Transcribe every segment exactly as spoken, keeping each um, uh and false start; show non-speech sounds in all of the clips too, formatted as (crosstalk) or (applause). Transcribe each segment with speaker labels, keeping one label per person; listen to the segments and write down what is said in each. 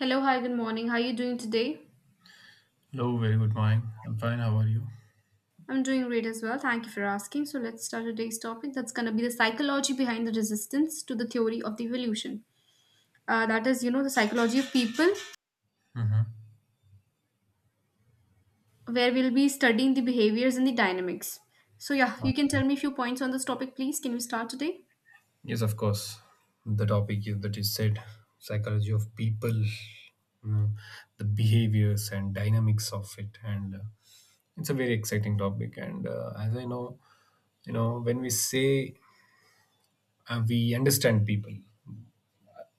Speaker 1: Hello, hi, good morning. How are you doing today?
Speaker 2: Hello, very good morning. I'm fine. How are you?
Speaker 1: I'm doing great as well. Thank you for asking. So, let's start today's topic. That's going to be the psychology behind the resistance to the theory of the evolution. Uh, that is, you know, the psychology of people,
Speaker 2: Mm-hmm.
Speaker 1: where we'll be studying the behaviors and the dynamics. So, yeah, you can tell me a few points on this topic, please. Can we start today?
Speaker 2: Yes, of course. The topic is that is said psychology of people, you know, the behaviors and dynamics of it, and uh, it's a very exciting topic. And uh, as I know, you know, when we say uh, we understand people,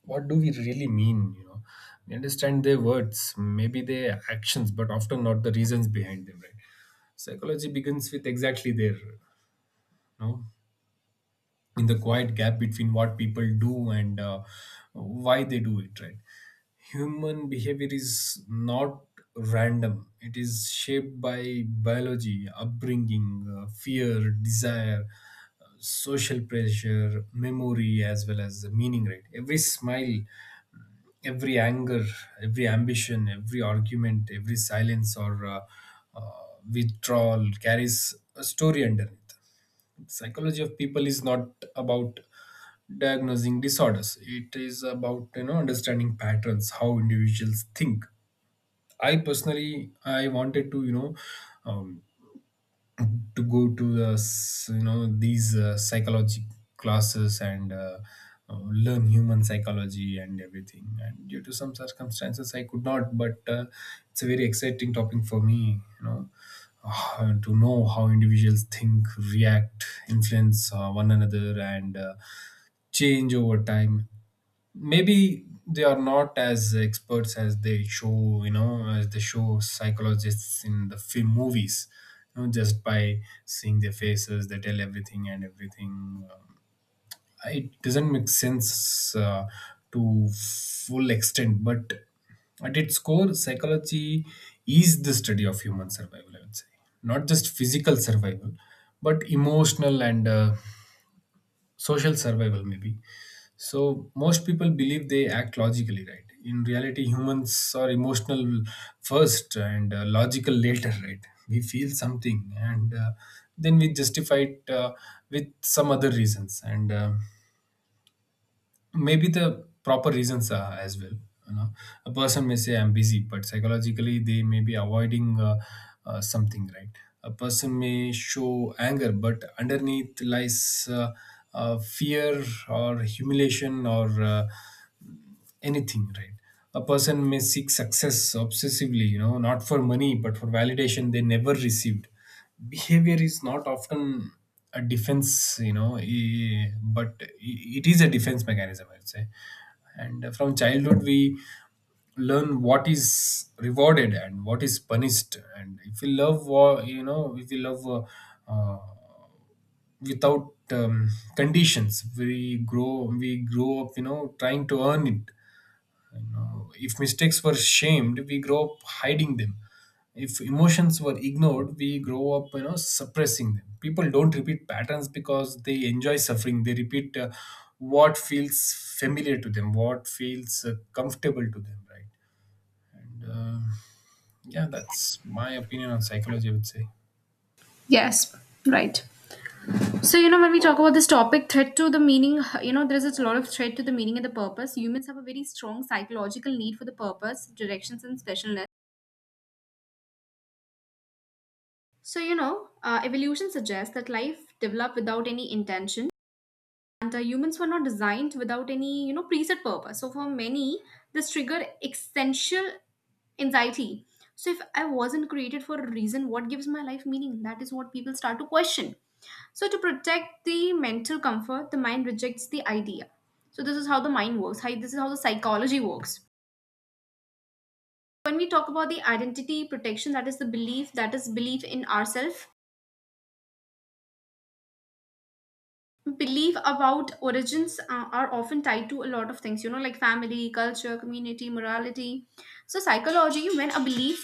Speaker 2: what do we really mean? You know, we understand their words, maybe their actions, but often not the reasons behind them, right? Psychology begins with exactly their, you know, in the quiet gap between what people do and uh, why they do it, right? Human behavior is not random. It is shaped by biology, upbringing, uh, fear, desire, uh, social pressure, memory, as well as the meaning, right? Every smile, every anger, every ambition, every argument, every silence, or uh, uh, withdrawal carries a story underneath. Psychology of people is not about diagnosing disorders. It is about, you know, understanding patterns, how individuals think. I personally i wanted to, you know um, to go to the s- you know these uh, psychology classes and uh, uh, learn human psychology and everything, and due to some circumstances I could not, but uh, it's a very exciting topic for me, you know, uh, to know how individuals think, react, influence uh, one another, and uh, change over time. Maybe they are not as experts as they show, you know, as they show psychologists in the film movies. You know, just by seeing their faces, they tell everything and everything. Um, it doesn't make sense, uh, to full extent. But at its core, psychology is the study of human survival, I would say. Not just physical survival, but emotional and uh, social survival, maybe. So most people believe they act logically, right? In reality, humans are emotional first and uh, logical later, right? We feel something and uh, then we justify it uh, with some other reasons, and uh, maybe the proper reasons are as well. You know, a person may say I'm busy, but psychologically they may be avoiding uh, uh, something, right? A person may show anger, but underneath lies uh, uh, fear or humiliation or uh, anything, right? A person may seek success obsessively, you know, not for money but for validation they never received. Behavior is not often a defense, you know, eh, but it is a defense mechanism, I would say. And from childhood we learn what is rewarded and what is punished. And if we love, uh, you know, if we love, uh, uh, without um, conditions, we grow we grow up, you know, trying to earn it. You know, if mistakes were shamed, we grow up hiding them. If emotions were ignored, we grow up, you know, suppressing them. People don't repeat patterns because they enjoy suffering. They repeat uh, what feels familiar to them, what feels uh, comfortable to them, right? And uh, yeah, that's my opinion on psychology, I would say.
Speaker 1: Yes, right. So, you know, when we talk about this topic, threat to the meaning, you know, there's a lot of threat to the meaning and the purpose. Humans have a very strong psychological need for the purpose, directions, and specialness. So, you know, uh, evolution suggests that life developed without any intention, and uh, humans were not designed without any, you know, preset purpose. So, for many, this triggered existential anxiety. So, if I wasn't created for a reason, what gives my life meaning? That is what people start to question. So, to protect the mental comfort, the mind rejects the idea. So, this is how the mind works. Hi, this is how the psychology works. When we talk about the identity protection, that is the belief, that is belief in ourselves, belief about origins uh, are often tied to a lot of things, you know, like family, culture, community, morality. So psychology, when a belief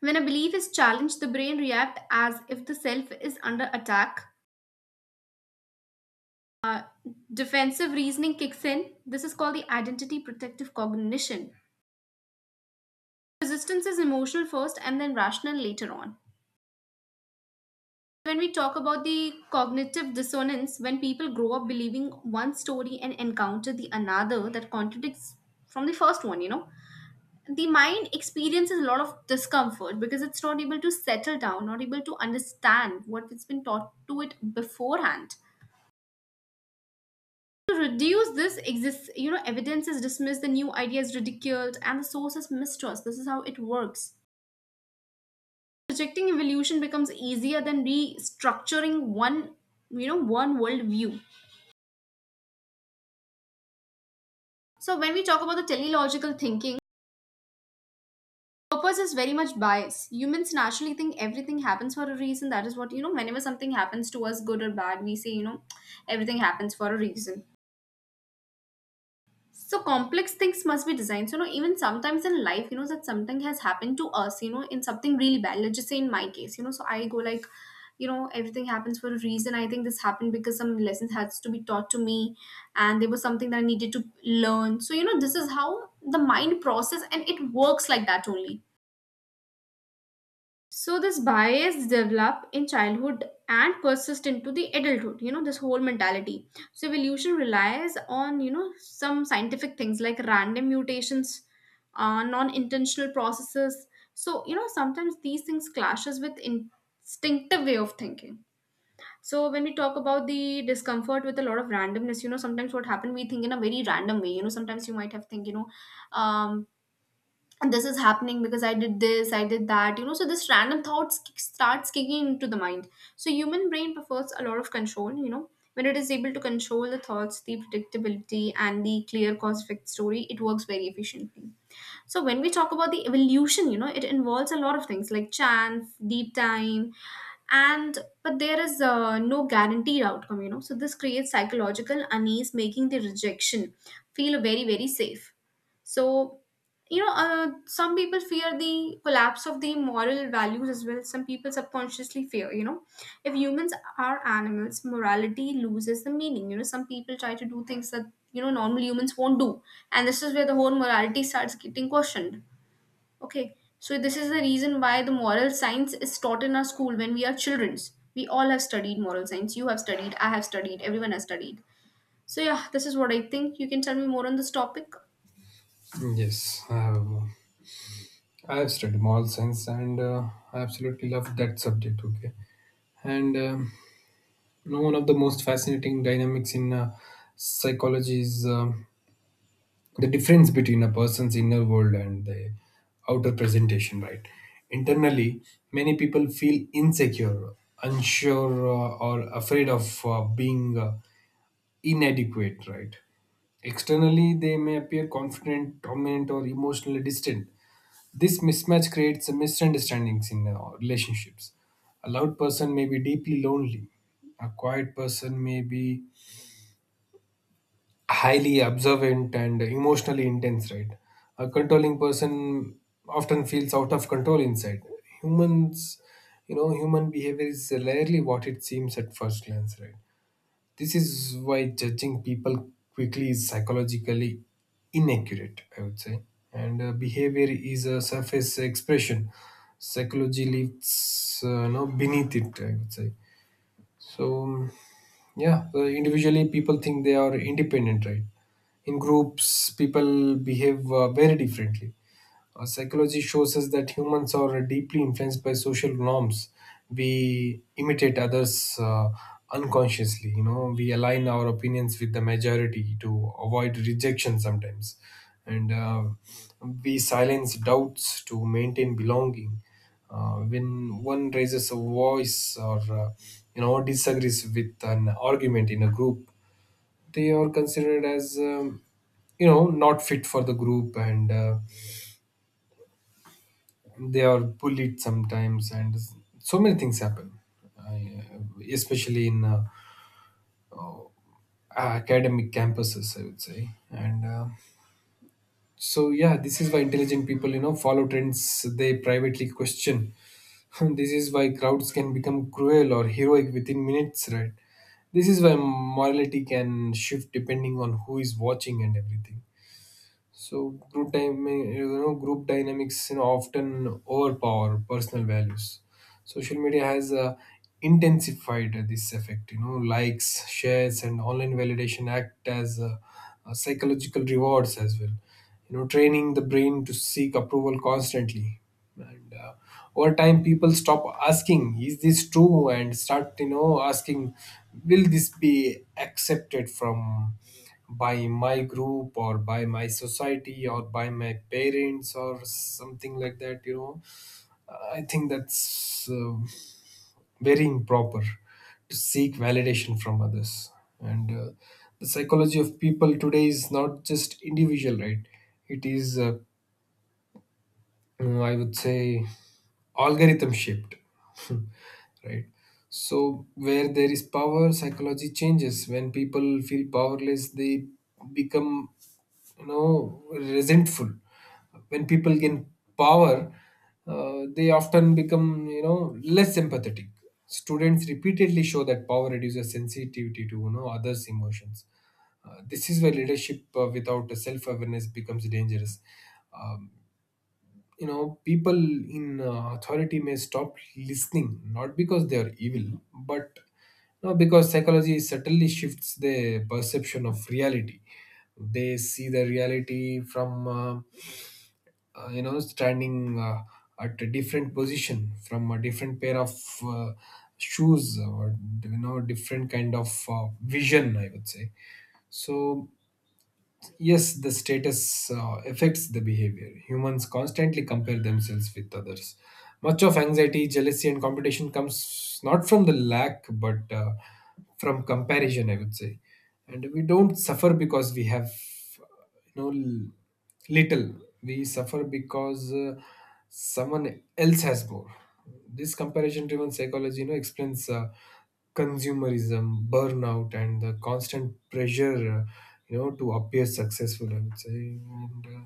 Speaker 1: when a belief is challenged, the brain reacts as if the self is under attack. Defensive reasoning kicks in. This is called the identity protective cognition. Resistance is emotional first and then rational later on. When we talk about the cognitive dissonance, when people grow up believing one story and encounter the another that contradicts from the first one, you know, the mind experiences a lot of discomfort because it's not able to settle down, not able to understand what it has been taught to it beforehand. To reduce this exists, you know, evidence is dismissed, the new idea is ridiculed, and the source is mistrust. This is how it works. Rejecting evolution becomes easier than restructuring one, you know, one worldview. So when we talk about the teleological thinking, purpose is very much biased. Humans naturally think everything happens for a reason. That is what, you know, whenever something happens to us, good or bad, we say, you know, everything happens for a reason. So complex things must be designed. So, you know, even sometimes in life, you know, that something has happened to us, you know, in something really bad. Let's just say in my case, you know, so I go like, you know, everything happens for a reason. I think this happened because some lessons has to be taught to me and there was something that I needed to learn. So, you know, this is how the mind process and it works like that only. So this bias develop in childhood and persist into the adulthood, you know, this whole mentality. So evolution relies on, you know, some scientific things like random mutations, uh, non-intentional processes. So, you know, sometimes these things clashes with instinctive way of thinking. So when we talk about the discomfort with a lot of randomness, you know, sometimes what happened, we think in a very random way. You know, sometimes you might have think, you know, um, and this is happening because I did this, I did that, you know. So this random thoughts kick- starts kicking into the mind. So human brain prefers a lot of control, you know, when it is able to control the thoughts, the predictability, and the clear cause effect story, it works very efficiently. So when we talk about the evolution, you know, it involves a lot of things like chance, deep time, and but there is uh, no guaranteed outcome, you know. So this creates psychological unease, making the rejection feel very, very safe. So, you know, uh, some people fear the collapse of the moral values as well. Some people subconsciously fear, you know, if humans are animals, morality loses the meaning. You know, some people try to do things that, you know, normal humans won't do, and this is where the whole morality starts getting questioned. Okay, so this is the reason why the moral science is taught in our school. When we are childrens, we all have studied moral science. You have studied, I have studied, everyone has studied. So yeah, this is what I think. You can tell me more on this topic.
Speaker 2: Yes, I have. uh, I have studied moral science, and uh, I absolutely love that subject. Okay, and um you know, one of the most fascinating dynamics in uh, psychology is, um, the difference between a person's inner world and the outer presentation, right? Internally, many people feel insecure, unsure, uh, or afraid of uh, being uh, inadequate, right? Externally, they may appear confident, dominant, or emotionally distant. This mismatch creates misunderstandings in uh, relationships. A loud person may be deeply lonely. A quiet person may be highly observant and emotionally intense, right? A controlling person often feels out of control inside. Humans, you know, human behavior is rarely what it seems at first glance, right? This is why judging people quickly is psychologically inaccurate, I would say. And uh, behavior is a surface expression. Psychology lives, uh, no, beneath it, I would say. So, um, yeah, uh, individually people think they are independent, right? In groups, people behave uh, very differently. Uh, psychology shows us that humans are deeply influenced by social norms. We imitate others uh, unconsciously. You know, we align our opinions with the majority to avoid rejection sometimes, and uh, we silence doubts to maintain belonging. Uh, when one raises a voice or uh, you know, disagrees with an argument in a group, they are considered as, um, you know, not fit for the group. And Uh, they are bullied sometimes, and so many things happen. I, especially in uh, academic campuses, I would say. And uh, so yeah, this is why intelligent people, you know, follow trends they privately question. (laughs) This is why crowds can become cruel or heroic within minutes, right? This is why morality can shift depending on who is watching and everything. So group time, you know, group dynamics, you know, often overpower personal values. Social media has uh, intensified this effect. You know, likes, shares, and online validation act as uh, uh, psychological rewards as well. You know, training the brain to seek approval constantly. And uh, over time, people stop asking, "Is this true?" and start, you know, asking, "Will this be accepted from?" by my group, or by my society, or by my parents, or something like that, you know. I think that's uh, very improper, to seek validation from others. And uh, the psychology of people today is not just individual, right? It is, uh, uh, I would say, algorithm shaped. (laughs) Right? So where there is power, psychology changes. When people feel powerless, they become, you know, resentful. When people gain power, uh, they often become, you know, less empathetic. Students repeatedly show that power reduces sensitivity to, you know, others' emotions. Uh, this is where leadership uh, without self awareness becomes dangerous. Um, you know, people in uh, authority may stop listening, not because they are evil, but you because psychology subtly shifts the perception of reality. They see the reality from, uh, uh, you know, standing uh, at a different position, from a different pair of uh, shoes, or you know, different kind of uh, vision, I would say. So yes, the status uh, affects the behavior. Humans constantly compare themselves with others. Much of anxiety, jealousy, and competition comes not from the lack, but uh, from comparison, I would say. And we don't suffer because we have, you know, l- little. We suffer because uh, someone else has more. This comparison driven psychology, you know, explains uh, consumerism, burnout, and the constant pressure, uh, you know, to appear successful, I would say. And uh,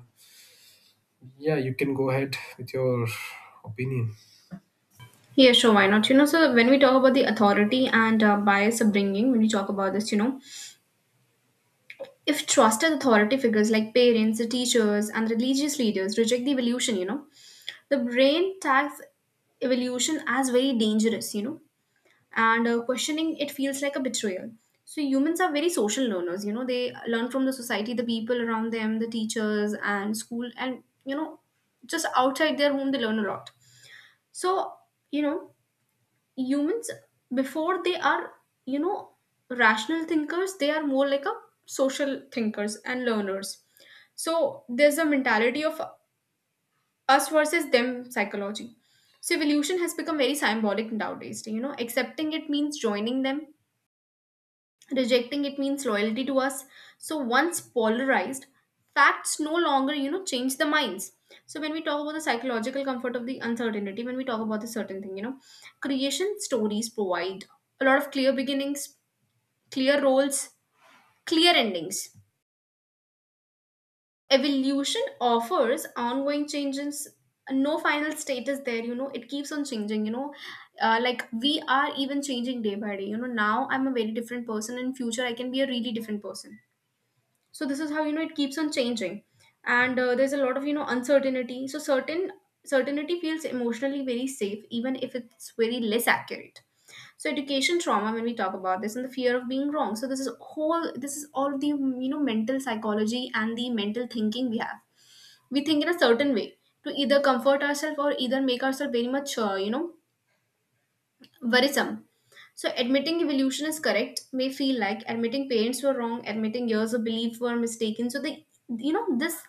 Speaker 2: yeah, you can go ahead with your opinion.
Speaker 1: Yeah, sure, why not? You know, so when we talk about the authority and uh, bias upbringing, when we talk about this, you know, if trusted authority figures like parents, teachers, and religious leaders reject the evolution, you know, the brain tags evolution as very dangerous, you know, and uh, questioning it feels like a betrayal. So humans are very social learners, you know, they learn from the society, the people around them, the teachers, and school, and, you know, just outside their home, they learn a lot. So, you know, humans before they are, you know, rational thinkers, they are more like a social thinkers and learners. So there's a mentality of us versus them psychology. So evolution has become very symbolic nowadays, you know, accepting it means joining them, rejecting it means loyalty to us. So once polarized, facts no longer, you know, change the minds. So when we talk about the psychological comfort of the uncertainty, when we talk about the certain thing, you know, creation stories provide a lot of clear beginnings, clear roles, clear endings. Evolution offers ongoing changes, no final state is there, you know, it keeps on changing, you know. Uh, like we are even changing day by day, you know, now I'm a very different person, in future I can be a really different person. So this is how, you know, it keeps on changing. And uh, there's a lot of, you know, uncertainty. So certain certainty feels emotionally very safe, even if it's very less accurate. So education trauma, when we talk about this, and the fear of being wrong, so this is whole, this is all the, you know, mental psychology and the mental thinking we have. We think in a certain way to either comfort ourselves or either make ourselves very much, uh, you know worrisome. So, admitting evolution is correct may feel like admitting parents were wrong, admitting years of belief were mistaken. So, they, you know, this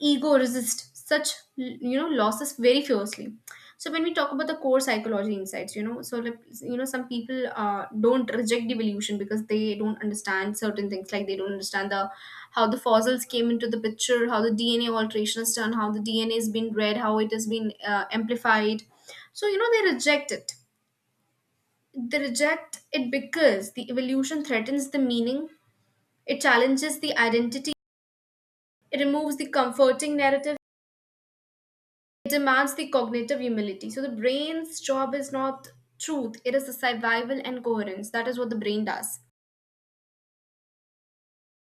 Speaker 1: ego resists such, you know, losses very fiercely. So, when we talk about the core psychology insights, you know, so, like, you know, some people uh, don't reject evolution because they don't understand certain things, like they don't understand the how the fossils came into the picture, how the D N A alteration is done, how the D N A has been read, how it has been uh, amplified. So, you know, they reject it they reject it because the evolution threatens the meaning, it challenges the identity, it removes the comforting narrative, it demands the cognitive humility. So the brain's job is not truth, it is the survival and coherence. That is what the brain does.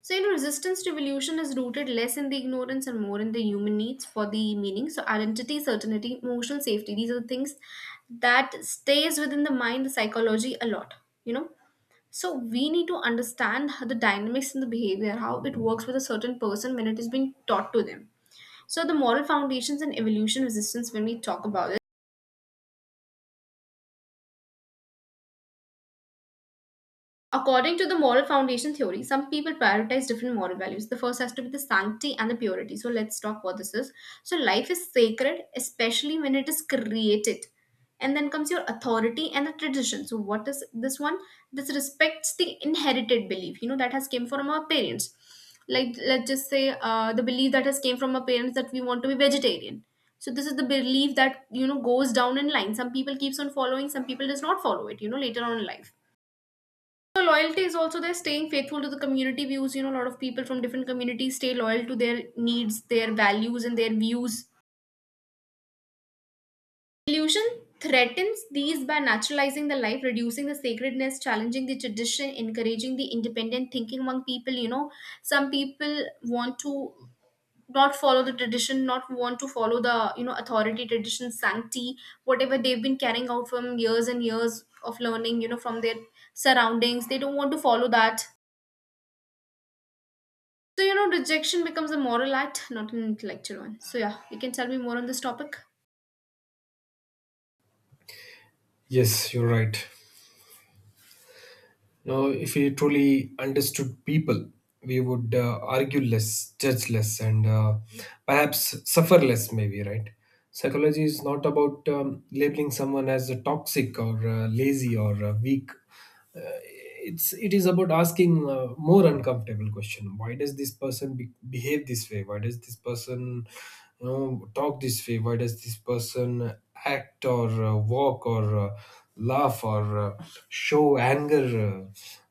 Speaker 1: So, you know, resistance to evolution is rooted less in the ignorance and more in the human needs for the meaning. So, identity, certainty, emotional safety, these are the things that stays within the mind, the psychology a lot, you know. So we need to understand how the dynamics and the behavior, how it works with a certain person when it is being taught to them. So the moral foundations and evolution resistance when we talk about it. According to the moral foundation theory, some people prioritize different moral values. The first has to be the sanctity and the purity. So let's talk what this is. So life is sacred, especially when it is created. And then comes your authority and the tradition. So what is this one? This respects the inherited belief, you know, that has came from our parents. Like let's just say uh, the belief that has came from our parents that we want to be vegetarian. So this is the belief that, you know, goes down in line. Some people keeps on following, some people does not follow it, you know, later on in life. So loyalty is also there, staying faithful to the community views. You know, a lot of people from different communities stay loyal to their needs, their values, and their views. Illusion threatens these by naturalizing the life, reducing the sacredness, challenging the tradition, encouraging the independent thinking among people. You know, some people want to not follow the tradition, not want to follow the, you know, authority, tradition, sanctity, whatever they've been carrying out from years and years of learning. You know, from their surroundings, they don't want to follow that. So, you know, rejection becomes a moral act, not an intellectual one. So, yeah, you can tell me more on this topic.
Speaker 2: Yes, you're right. Now, if we truly understood people, we would uh, argue less, judge less, and uh, perhaps suffer less, maybe, right? Psychology is not about, um, labeling someone as a toxic, or uh, lazy, or uh, weak. Uh, it's it is about asking uh, more uncomfortable question. Why does this person be- behave this way? Why does this person, you know, talk this way? Why does this person act, or uh, walk, or uh, laugh, or uh, show anger, uh,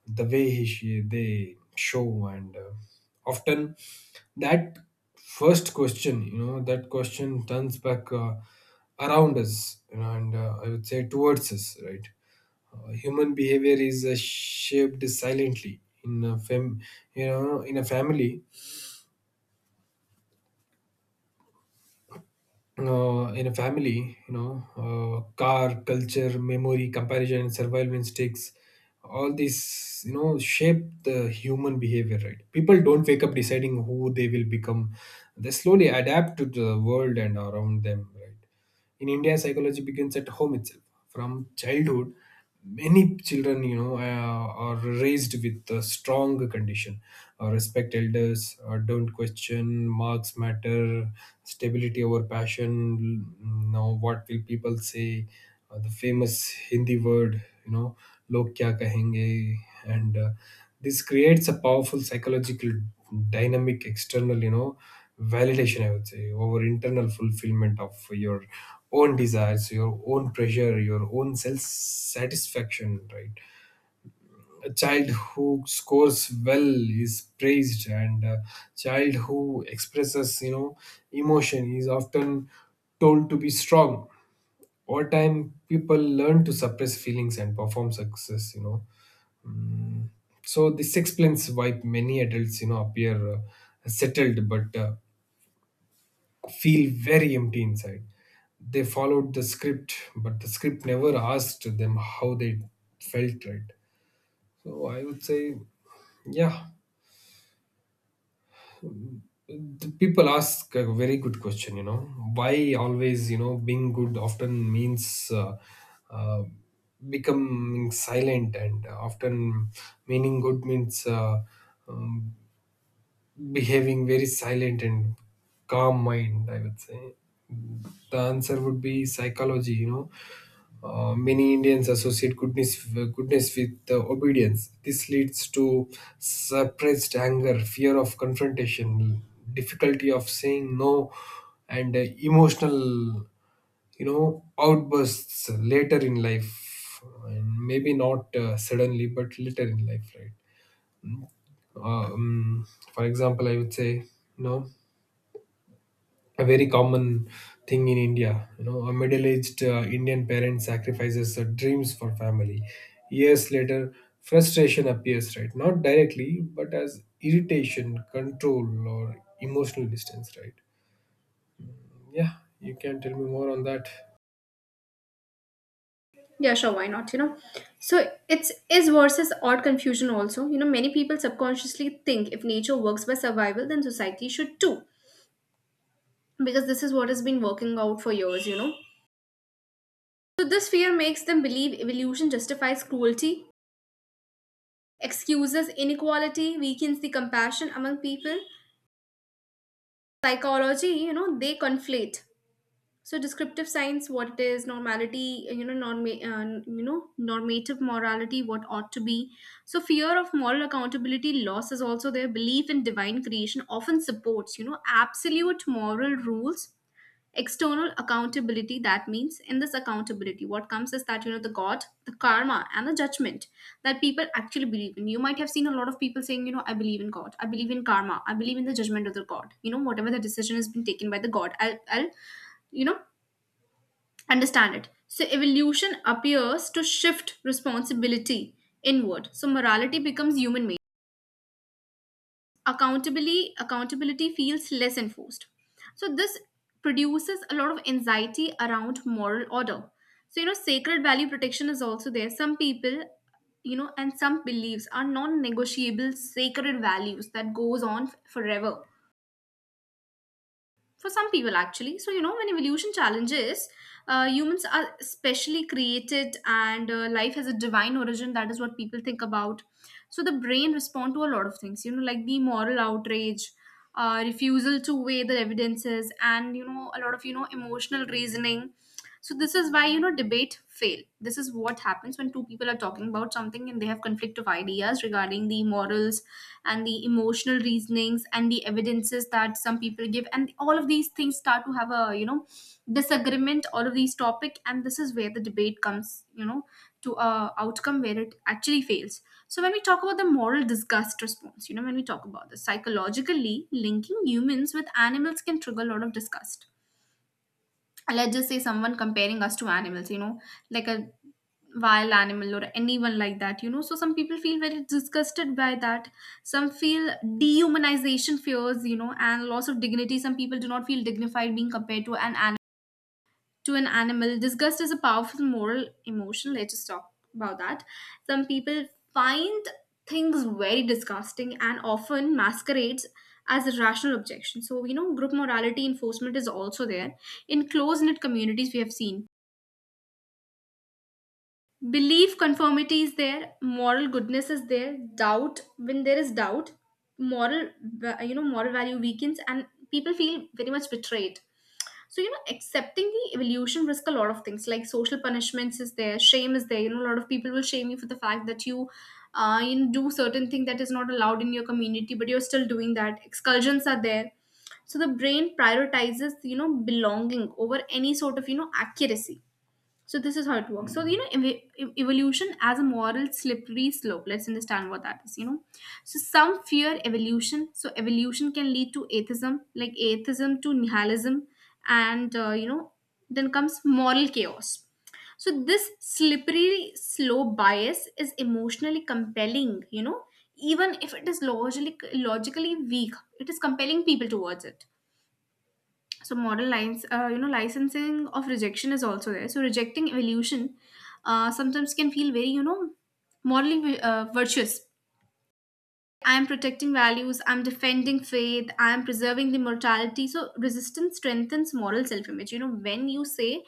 Speaker 2: the way he, she, they show? And uh, often that first question, you know, that question turns back, uh, around us, you know, and uh, I would say towards us, right? Uh, human behavior is uh, shaped silently in a fam- you know, in a family uh, in a family, you know, uh, car, culture, memory, comparison, and survival instincts, all these, you know, shape the human behavior, right? People don't wake up deciding who they will become. They slowly adapt to the world and around them, right? In India, psychology begins at home itself. From childhood, many children, you know, uh, are raised with a strong condition. Uh, respect elders, uh, don't question, marks matter, stability over passion, you know, what will people say, uh, the famous Hindi word, you know, लोग क्या कहेंगे. And uh, this creates a powerful psychological dynamic, external, you know, validation, I would say, over internal fulfillment of your own desires, your own pressure, your own self satisfaction, right? A child who scores well is praised, and a child who expresses, you know, emotion is often told to be strong. Over time, people learn to suppress feelings and perform success, you know. So this explains why many adults, you know, appear uh, settled, but uh, feel very empty inside. They followed the script, but the script never asked them how they felt, right? So I would say, yeah, the people ask a very good question. You know, why always, you know, being good often means uh, uh, becoming silent, and often meaning good means. Uh, um, Behaving very silent and calm mind, I would say. The answer would be psychology, you know. Uh, many Indians associate goodness goodness with uh, obedience. This leads to suppressed anger, fear of confrontation, difficulty of saying no, and uh, emotional, you know, outbursts later in life, and maybe not uh, suddenly, but later in life, right? Uh, um, for example, I would say, you know. A very common thing in India. You know, a middle-aged uh, Indian parent sacrifices her dreams for family. Years later, frustration appears, right? Not directly, but as irritation, control, or emotional distance, right? Yeah, you can tell me more on that.
Speaker 1: Yeah, sure, why not? You know, so it's is versus odd confusion also. You know, many people subconsciously think if nature works by survival, then society should too, because this is what has been working out for years, you know. So this fear makes them believe evolution justifies cruelty, excuses inequality, weakens the compassion among people. Psychology, you know, they conflate so descriptive science what it is normality uh, you know norm uh, you know normative morality what ought to be. So fear of moral accountability loss is also there. Belief in divine creation often supports you know absolute moral rules, external accountability. That means in this accountability what comes is that you know the god, the karma and the judgment that people actually believe in. You might have seen a lot of people saying, you know, I believe in god, I believe in karma, I believe in the judgment of the god. You know, whatever the decision has been taken by the god, i'll, I'll you know understand it. So evolution appears to shift responsibility inward. So morality becomes human made. Accountability accountability feels less enforced. So this produces a lot of anxiety around moral order. So you know sacred value protection is also there. Some people you know and some beliefs are non-negotiable sacred values that goes on forever for some people actually. So you know when evolution challenges uh, humans are specially created and uh, life has a divine origin, that is what people think about. So the brain respond to a lot of things, you know, like the moral outrage, uh, refusal to weigh the evidences and you know a lot of you know emotional reasoning. So this is why you know debate fail. This is what happens when two people are talking about something and they have conflict of ideas regarding the morals and the emotional reasonings and the evidences that some people give, and all of these things start to have a you know disagreement, all of these topic, and this is where the debate comes you know to a outcome where it actually fails. So when we talk about the moral disgust response, you know, when we talk about this, psychologically linking humans with animals can trigger a lot of disgust. Let's just say someone comparing us to animals, you know, like a wild animal or anyone like that, you know, so some people feel very disgusted by that. Some feel dehumanization fears, you know, and loss of dignity. Some people do not feel dignified being compared to an to an animal. Disgust is a powerful moral emotion. Let's just talk about that. Some people find things very disgusting and often masquerades as a rational objection. So, you know, group morality enforcement is also there. In close knit communities, we have seen belief conformity is there, moral goodness is there, doubt, when there is doubt, moral, va- you know, moral value weakens and people feel very much betrayed. So you know accepting the evolution risk a lot of things like social punishments is there, shame is there, you know, a lot of people will shame you for the fact that you uh, you know, do certain thing that is not allowed in your community but you're still doing that, expulsions are there. So the brain prioritizes you know belonging over any sort of you know accuracy. So this is how it works. So you know, ev- ev- evolution as a moral slippery slope. Let's understand what that is. You know, so some fear evolution. So evolution can lead to atheism, like atheism to nihilism, and uh, you know, then comes moral chaos. So this slippery slope bias is emotionally compelling. You know, even if it is logically logically weak, it is compelling people towards it. So model lines uh, you know licensing of rejection is also there. So rejecting evolution uh, sometimes can feel very you know modeling vi- uh, virtuous. I'm protecting values, I'm defending faith, I'm preserving the mortality. So resistance strengthens moral self-image. You know, when you say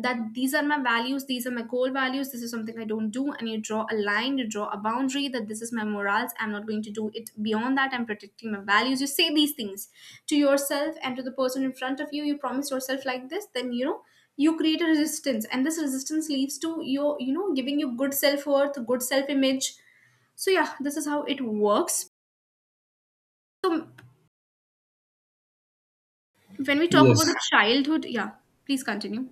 Speaker 1: that these are my values, these are my core values, this is something I don't do, and you draw a line, you draw a boundary that this is my morals, I'm not going to do it beyond that, I'm protecting my values. You say these things to yourself and to the person in front of you, you promise yourself like this, then you know you create a resistance, and this resistance leads to your you know giving you good self-worth, good self-image. So yeah, this is how it works. So when we talk about
Speaker 2: Yes.
Speaker 1: the childhood, yeah, please continue.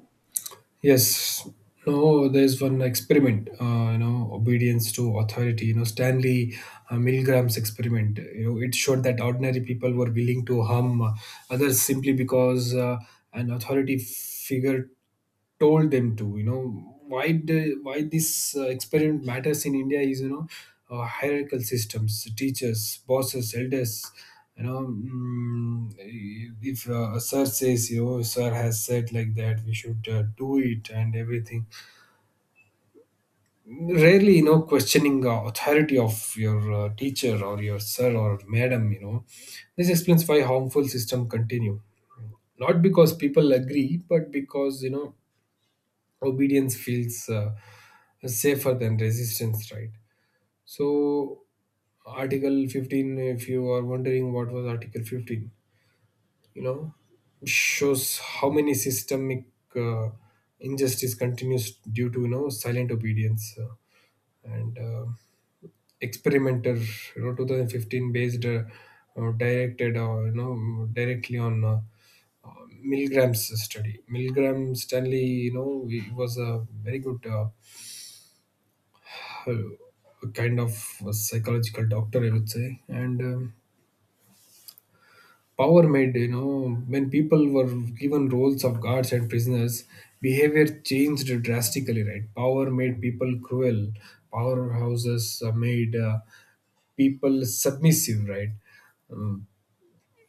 Speaker 2: Yes. No, there's one experiment, uh, you know, obedience to authority, you know, Stanley uh, Milgram's experiment. You know, it showed that ordinary people were willing to harm uh, others simply because uh, an authority figure told them to you know why the, why this uh, experiment matters in India is, you know uh, hierarchical systems, teachers, bosses, elders. you know mm, if uh, a sir says, you know sir has said like that, we should uh, do it and everything. Rarely you know questioning uh, authority of your uh, teacher or your sir or madam, you know this explains why harmful system continue, not because people agree but because, you know obedience feels uh, safer than resistance, right? So article fifteen, if you are wondering what was article fifteen, you know shows how many systemic uh, injustice continues due to, you know silent obedience. Uh, and uh, experimenter, you know twenty fifteen based, uh, uh, directed uh, you know directly on uh, Milgram's study. Milgram Stanley, you know he was a very good, uh, a kind of a psychological doctor, I would say. And um, power made, you know, when people were given roles of guards and prisoners, behavior changed drastically, right? Power made people cruel. Powerhouses uh, made uh, people submissive, right? Um,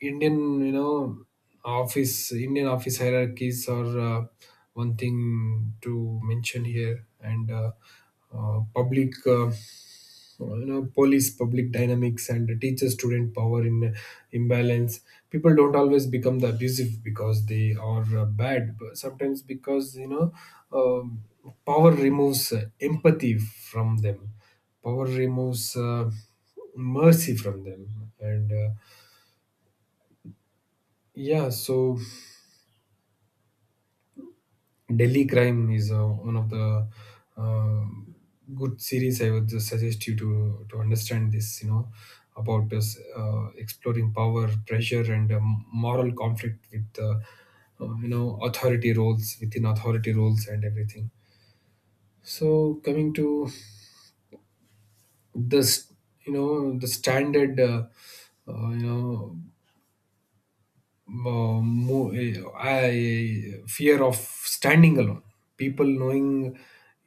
Speaker 2: Indian, you know, office, Indian office hierarchies are uh, one thing to mention here. And uh, uh, public. Uh, uh, you know police public dynamics and teacher student power in imbalance, people don't always become the abusive because they are uh, bad, but sometimes because, you know um power removes uh, empathy from them, power removes uh, mercy from them, and uh, yeah, so Delhi Crime is uh, one of the uh, good series, I would just suggest you to to understand this. You know about this, uh, exploring power, pressure, and um, moral conflict with uh, uh, you know authority roles within authority roles and everything. So coming to this, you know the standard. Uh, uh, you know mo- mo- eh, I fear of standing alone. People knowing,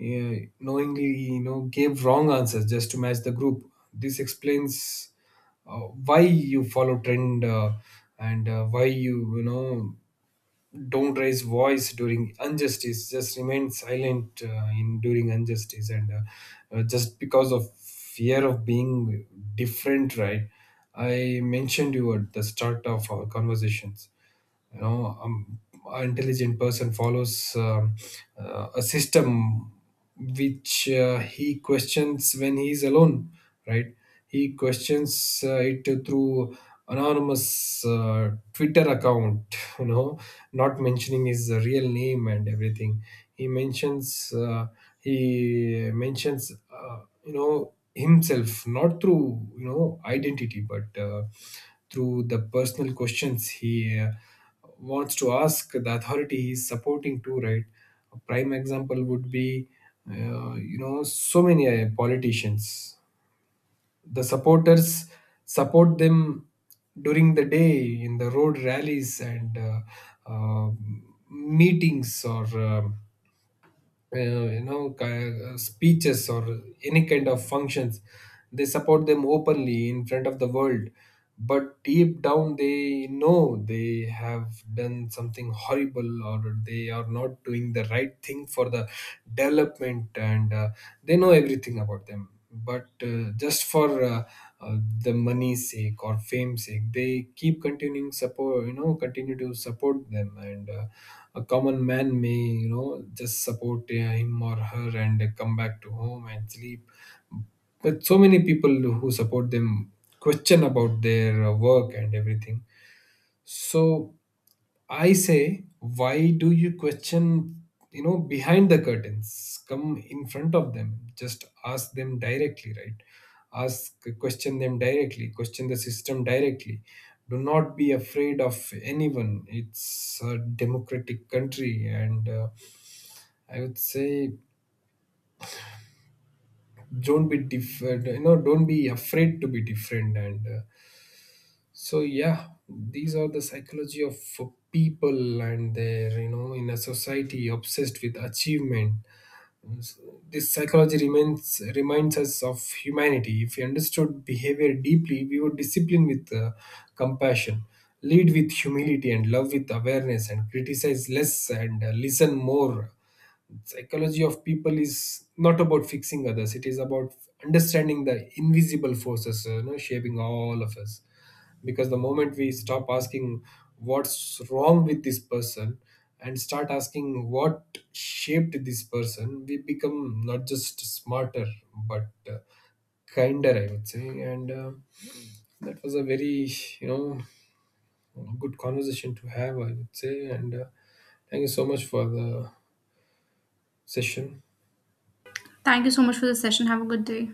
Speaker 2: uh, knowingly, you know gave wrong answers just to match the group. This explains uh, why you follow trend, uh, and uh, why you, you know don't raise voice during injustice. Just remain silent, uh, in during injustice, and, uh, uh, just because of fear of being different, right? I mentioned you at the start of our conversations, you know um, an intelligent person follows, um, uh, a system which, uh, he questions when he's alone, right? He questions uh, it through anonymous uh, Twitter account (laughs) you know not mentioning his real name and everything. He mentions uh, he mentions uh, you know himself not through, you know identity but uh, through the personal questions he uh, wants to ask the authority he's supporting to, right? A prime example would be, uh, you know so many uh, politicians. The supporters support them during the day in the road rallies and uh, uh, meetings or um uh, you know ki- uh, speeches or any kind of functions. They support them openly in front of the world, but deep down they know they have done something horrible, or they are not doing the right thing for the development, and uh, they know everything about them, but, uh, just for uh, uh, the money's sake or fame's sake, they keep continuing support, you know continue to support them. And uh, a common man may, you know just support uh, him or her and come back to home and sleep. But so many people who support them question about their uh, work and everything. So I say, why do you question, you know, behind the curtains? Come in front of them. Just ask them directly, right? Ask, question them directly, question the system directly. Do not be afraid of anyone. It's a democratic country, and, uh, I would say, don't be different. You know, don't be afraid to be different, and uh, so yeah, these are the psychology of people and their, you know in a society obsessed with achievement. This psychology remains, reminds us of humanity. If we understood behavior deeply, we would discipline with uh, compassion, lead with humility, and love with awareness, and criticize less and uh, listen more. Psychology of people is not about fixing others, it is about understanding the invisible forces, uh, you know shaping all of us, because the moment we stop asking what's wrong with this person and start asking what shaped this person, we become not just smarter but uh, kinder, I would say. And uh, that was a very, you know good conversation to have, I would say. And uh, thank you so much for the session.
Speaker 1: Thank you so much for the session. Have a good day.